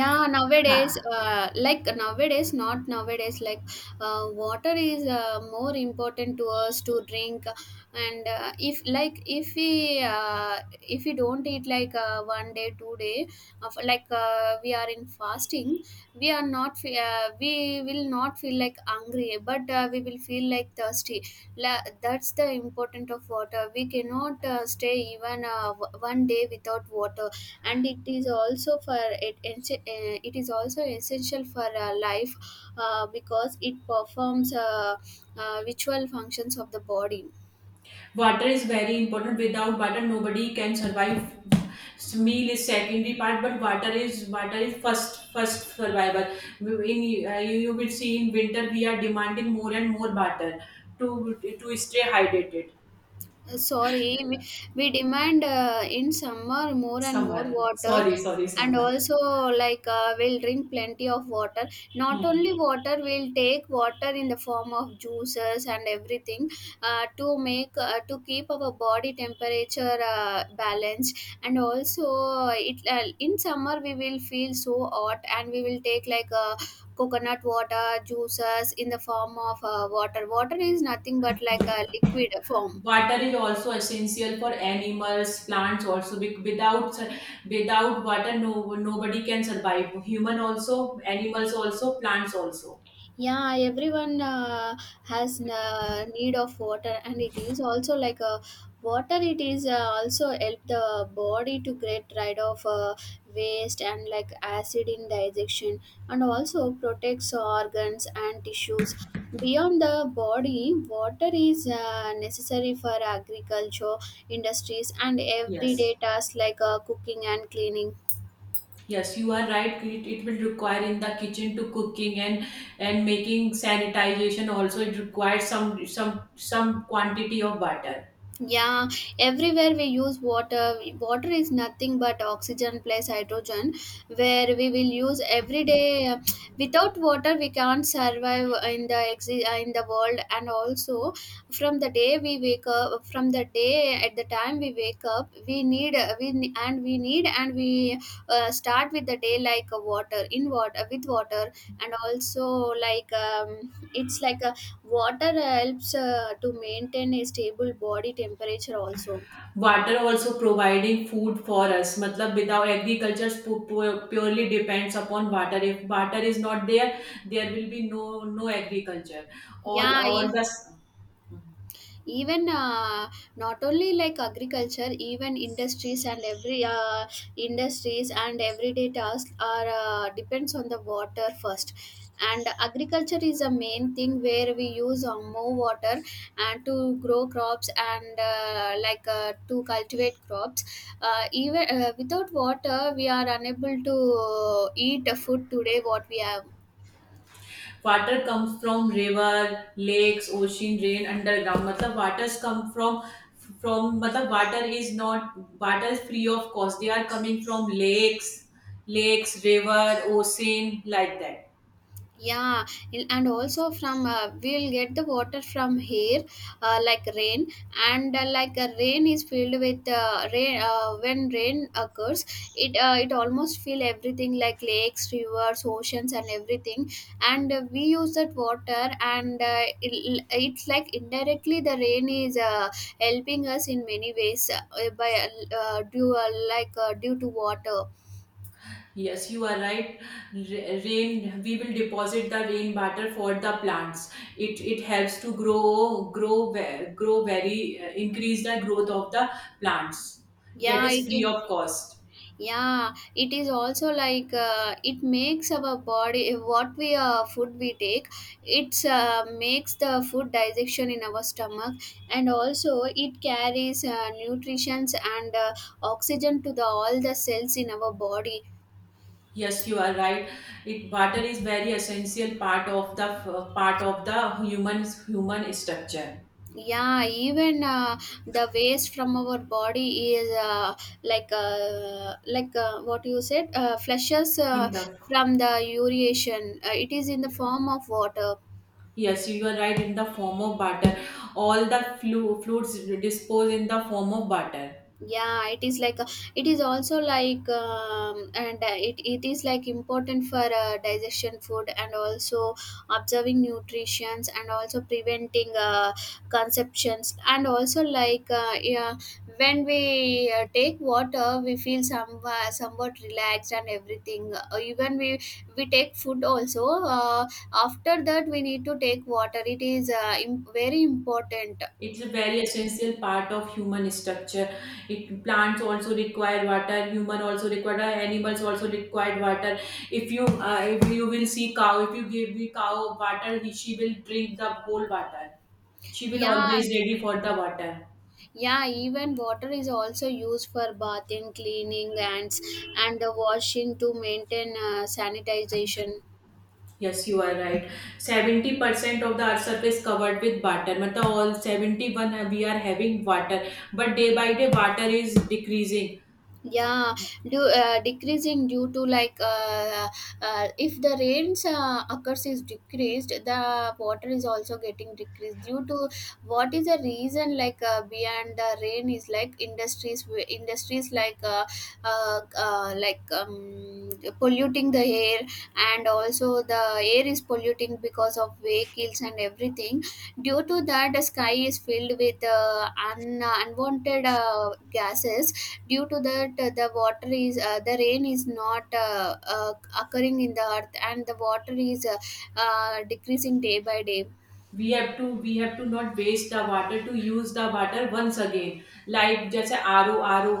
Yeah, nowadays, Ha- like, nowadays, not nowadays, like, water is more important to us to drink. And if, like, if we don't eat, like, one day, two day, of, like, we are in fasting. We will not feel, like, hungry, but we will feel, like, thirsty. That's the important of water. We cannot stay even one day without water. And it is also for it enche- eh, It is also essential for life, because it performs ritual functions of the body. Water is very important. Without water, nobody can survive. Meal is secondary part, but water is first survival. In, you will see in winter we are demanding more and more water to stay hydrated. Sorry, we demand in summer more and more Summer, water, sorry, and summer. also, like, we'll drink plenty of water. Not Hmm. only water, we'll take water in the form of juices and everything, to keep our body temperature balanced. And also, it in summer we will feel so hot, and we will take, like, coconut water juices in the form of water. Water is nothing but, like, a liquid form. Water is also essential for animals, plants also. Without without water, no nobody can survive. Human also, animals also, plants also. Yeah, everyone has need of water, and it is also like a water. It is also help the body to get rid of waste and, like, acid in digestion, and also protects organs and tissues. Beyond the body, water is necessary for agriculture, industries, and Yes. everyday tasks like cooking and cleaning. Yes, you are right. It will require in the kitchen to cooking and making sanitization also. It requires some quantity of water. Yeah, everywhere we use water. Water is nothing but oxygen plus hydrogen, where we will use every day. Without water, we can't survive in in the world. And also, from the day, at the time we wake up, we need we ne- and we need and we start with the day, like, a water, in water, with water, and also, like, it's like a. Water helps to maintain a stable body temperature also. Water also providing food for us. Matlab without agriculture purely depends upon water. If water is not there, there will be no agriculture. All Yeah, all the even not only, like, agriculture, even industries and every industries and everyday tasks are depends on the water first, and agriculture is a main thing where we use more water, and to grow crops, and like, to cultivate crops. Even without water we are unable to eat the food today what we have. Water comes from river lakes ocean rain underground मतलब waters come from. From मतलब water is not, water is free of cost. They are coming from lakes, lakes, river, ocean, like that. Yeah, and also, from we'll get the water from here, like, rain, and like, rain is filled with rain. When rain occurs, it almost fill everything, like lakes, rivers, oceans, and everything. And we use that water, and it's, like, indirectly the rain is helping us in many ways, by due to water. Yes, you are right. Rain, we will deposit the rain water for the plants. It helps to grow, grow, grow very increase the growth of the plants. That Yeah, is it free of cost. Yeah, it is also like, it makes our body what we food we take. It's makes the food digestion in our stomach, and also it carries nutrients and oxygen to the all the cells in our body. Yes, you are right. It water is very essential part of the part of the human structure. Yeah, even the waste from our body is like, what you said, flushes In the from the ureation. It is in the form of water. yes, you are right. In the form of water, all the fluids dispose in the form of water. Yeah, it is also like, and it is, like, important for digestion food, and also observing nutritions, and also preventing conceptions, and also, like, yeah, when we take water we feel somewhat relaxed and everything, even we take food also, after that we need to take water. It is very important. It's a very essential part of human structure. It plants also require water. Human also require water. Animals also require water. If you will see cow, if you give the cow water, he, she will drink the whole water. She will Yeah, always ready for the water. yeah, even water is also used for bathing, cleaning, and the washing to maintain sanitization. Yes, you are right. 70% of the earth surface covered with water. Matlab all 71, we are having water. But day by day water is decreasing. Yeah, do decreasing due to, like, if the rains occurs is decreased, the water is also getting decreased due to what is the reason, like, beyond the rain is, like, industries, like, like, polluting the air, and also the air is polluting because of vehicles and everything. Due to that, the sky is filled with unwanted gases. Due to that, the rain is not occurring in the earth, and the water is decreasing day by day. We have to, we have to not waste the water, to use the water once again, like just ro ro,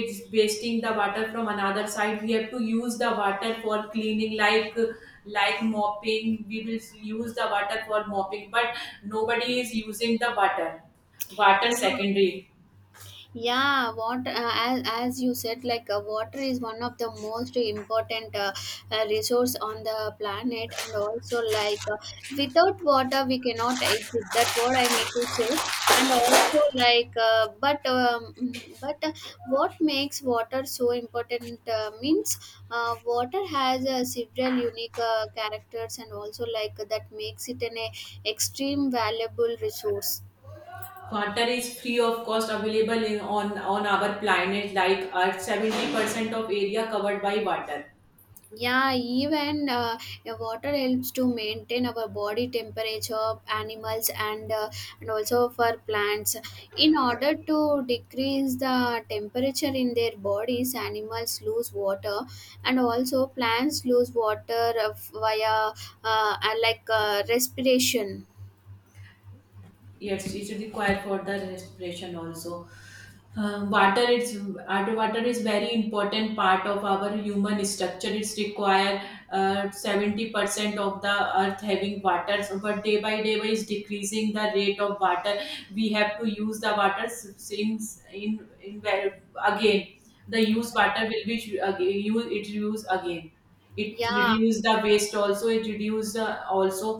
it's wasting the water from another side. We have to use the water for cleaning, like mopping. We will use the water for mopping, but nobody is using the water. Water Yeah, secondary. yeah, water, as you said, like, water is one of the most important, resource on the planet, and also, like, without water we cannot exist. That's what I need to say. And also, like, but, but, what makes water so important, means water has several unique characters, and also, like, that makes it an extreme valuable resource. Water is free of cost, available in, on our planet like earth. 70% of area covered by water. Yeah, even water helps to maintain our body temperature of animals, and also for plants. In order to decrease the temperature in their bodies, animals lose water, and also plants lose water via like, respiration. Yes, it's required for the respiration also. Water is. Water is very important part of our human structure. It's require 70% of the earth having water. So, but day by day by is decreasing the rate of water. We have to use the water since in again, the use water will be again use it, use again. It Yeah, reduce the waste also. It reduce also.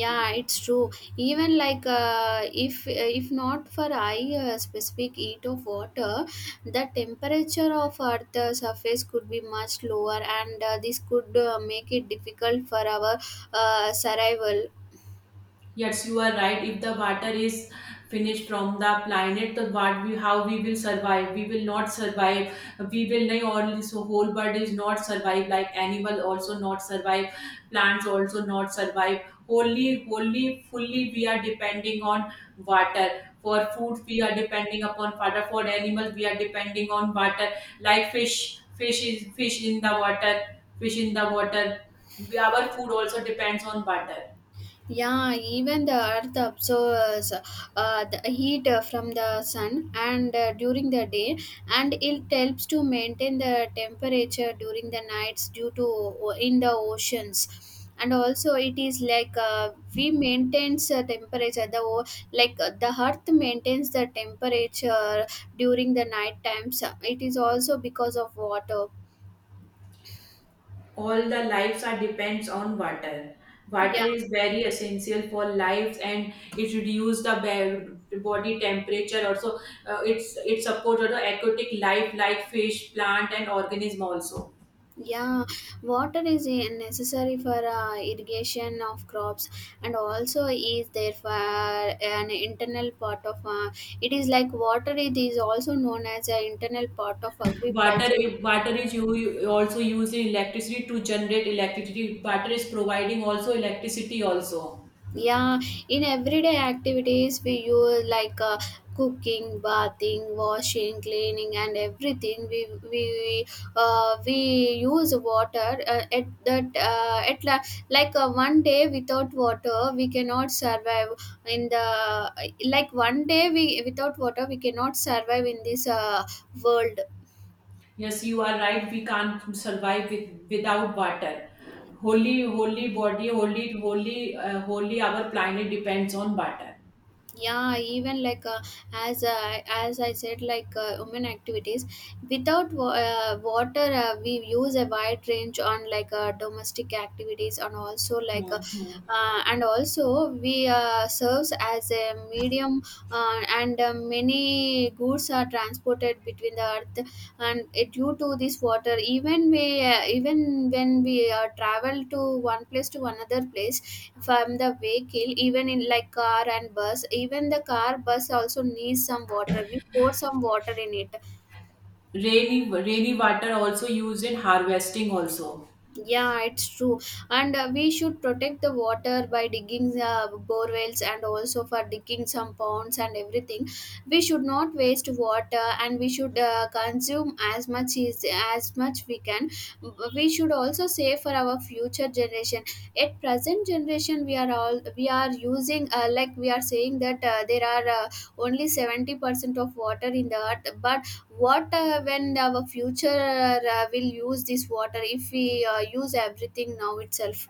yeah, it's true. Even, like, if not for I specific heat of water, the temperature of earth surface could be much lower, and this could make it difficult for our survival. Yes, you are right. If the water is finished from the planet, the what we how we will survive? We will not survive. We will not only, so whole bird is not survive, like animal also not survive, plants also not survive. Wholly, wholly, fully we are depending on water. For food, we are depending upon water. For animals, we are depending on water. Like fish, fish is fish in the water, fish in the water. Our food also depends on water. Yeah, even the earth absorbs the heat from the sun, and during the day, and it helps to maintain the temperature during the nights due to in the oceans. And also, it is like, we maintains temperature. Like, the earth maintains the temperature during the night times. It is also because of water. All the lives are depends on water. Yeah. Water is very essential for lives, and it reduce the body temperature also. It's it supports the aquatic life like fish, plant and organism also. Yeah, water is, necessary for irrigation of crops, and also is there for an internal part of, it is like water. It is also known as an internal part of Water agriculture. water is, you also using electricity, to generate electricity water is providing also electricity also. Yeah, in everyday activities, we use, like, cooking, bathing, washing, cleaning, and everything. We use water at that at la- like, one day without water we cannot survive in the, like, one day we without water we cannot survive in this world. Yes, you are right. We can't survive with, without water. Holy, holy body, holy, holy, holy. Our planet depends on water. Yeah, even, like, as I said, like, women activities, without wa- water, we use a wide range on, like, domestic activities, and also, like, Mhm. And also we serves as a medium, and many goods are transported between the earth, and due to this water, even when we travel to one place to another place from the vehicle, even in, like, car and bus. Even the car, bus also needs some water, we pour some water in it. Rainy, rainy water also used in harvesting also. Yeah, it's true. And we should protect the water by digging bore wells, and also for digging some ponds and everything. We should not waste water, and we should consume as much is as much we can. We should also save for our future generation. At present generation, we are using, like, we are saying that there are only 70% of water in the earth, but what when our future will use this water if we use everything now itself.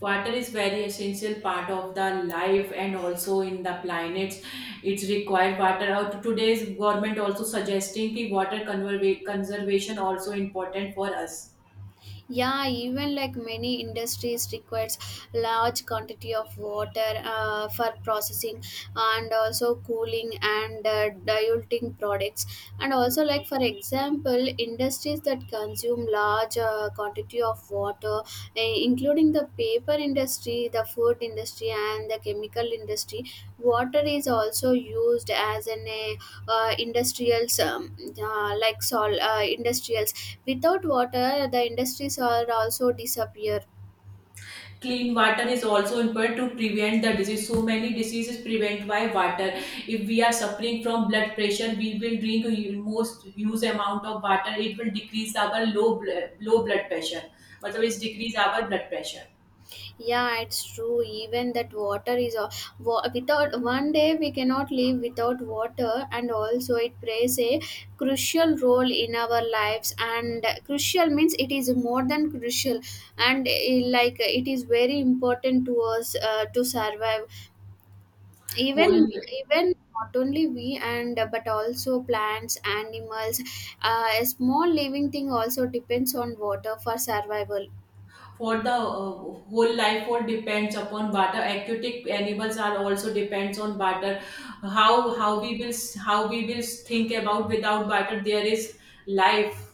Water is very essential part of the life and also in the planets. It's required water. Out today's government also suggesting that water conservation also important for us. Yeah, even, like, many industries requires large quantity of water for processing, and also cooling, and diluting products, and also, like, for example, industries that consume large quantity of water, including the paper industry, the food industry, and the chemical industry. Water is also used as an industrial, industrial. Without water, the industries are also disappear. Clean water is also important to prevent the disease. So many diseases prevent by water. If we are suffering from blood pressure, we will drink most huge amount of water. It will decrease our low blood pressure. मतलब it's decrease our blood pressure. Yeah, it's true. Even that water is a, without one day we cannot live without water, and also it plays a crucial role in our lives. And crucial means it is more than crucial, and like, it is very important to us to survive, Whole even, even not only we, and but also plants, animals, a small living thing also depends on water for survival. for the whole life all depends upon water. Aquatic animals are also depends on water. How how we will how we will think about without water there is life.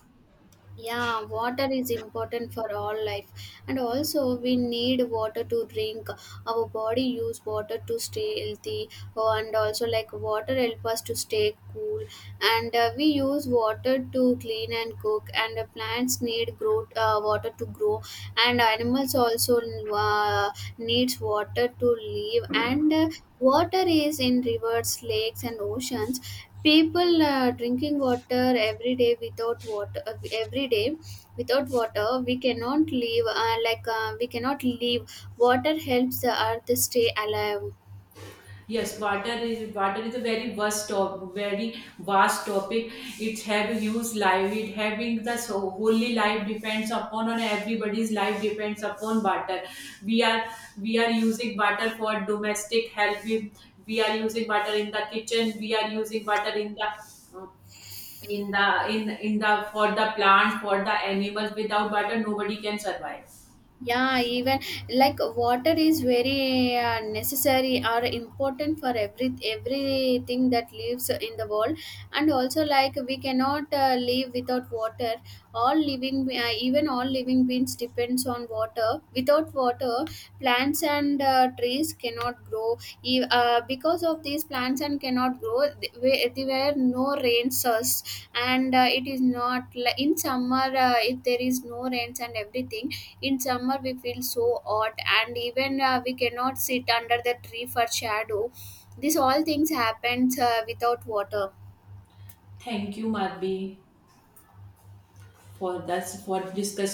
Yeah, water is important for all life, and also we need water to drink. Our body use water to stay healthy. Oh, and also, like, water help us to stay cool. And we use water to clean and cook, and plants need grow water to grow, and animals also uh, needs water to live. And water is in rivers, lakes, and oceans. People drinking water every day. Without water, every day without water we cannot live, like, we cannot live. Water helps the earth stay alive. Yes, water is a very vast very vast topic. It's have huge life. It having the so wholly life depends upon, or everybody's life depends upon water. We are we are using water for domestic help. We are using water in the kitchen. We are using water in the in the in the for the plant for the animals. Without water, nobody can survive. Yeah, even, like, water is very necessary or important for everything that lives in the world, and also, like, we cannot live without water. All living Even all living beings depends on water. Without water, plants and trees cannot grow. Because of these plants and cannot grow, there were no rain source, and it is not, like, in summer if there is no rains and everything. In summer, we feel so hot, and even we cannot sit under the tree for shadow. These all things happens without water. Thank you, Madhvi, for this, for discussing.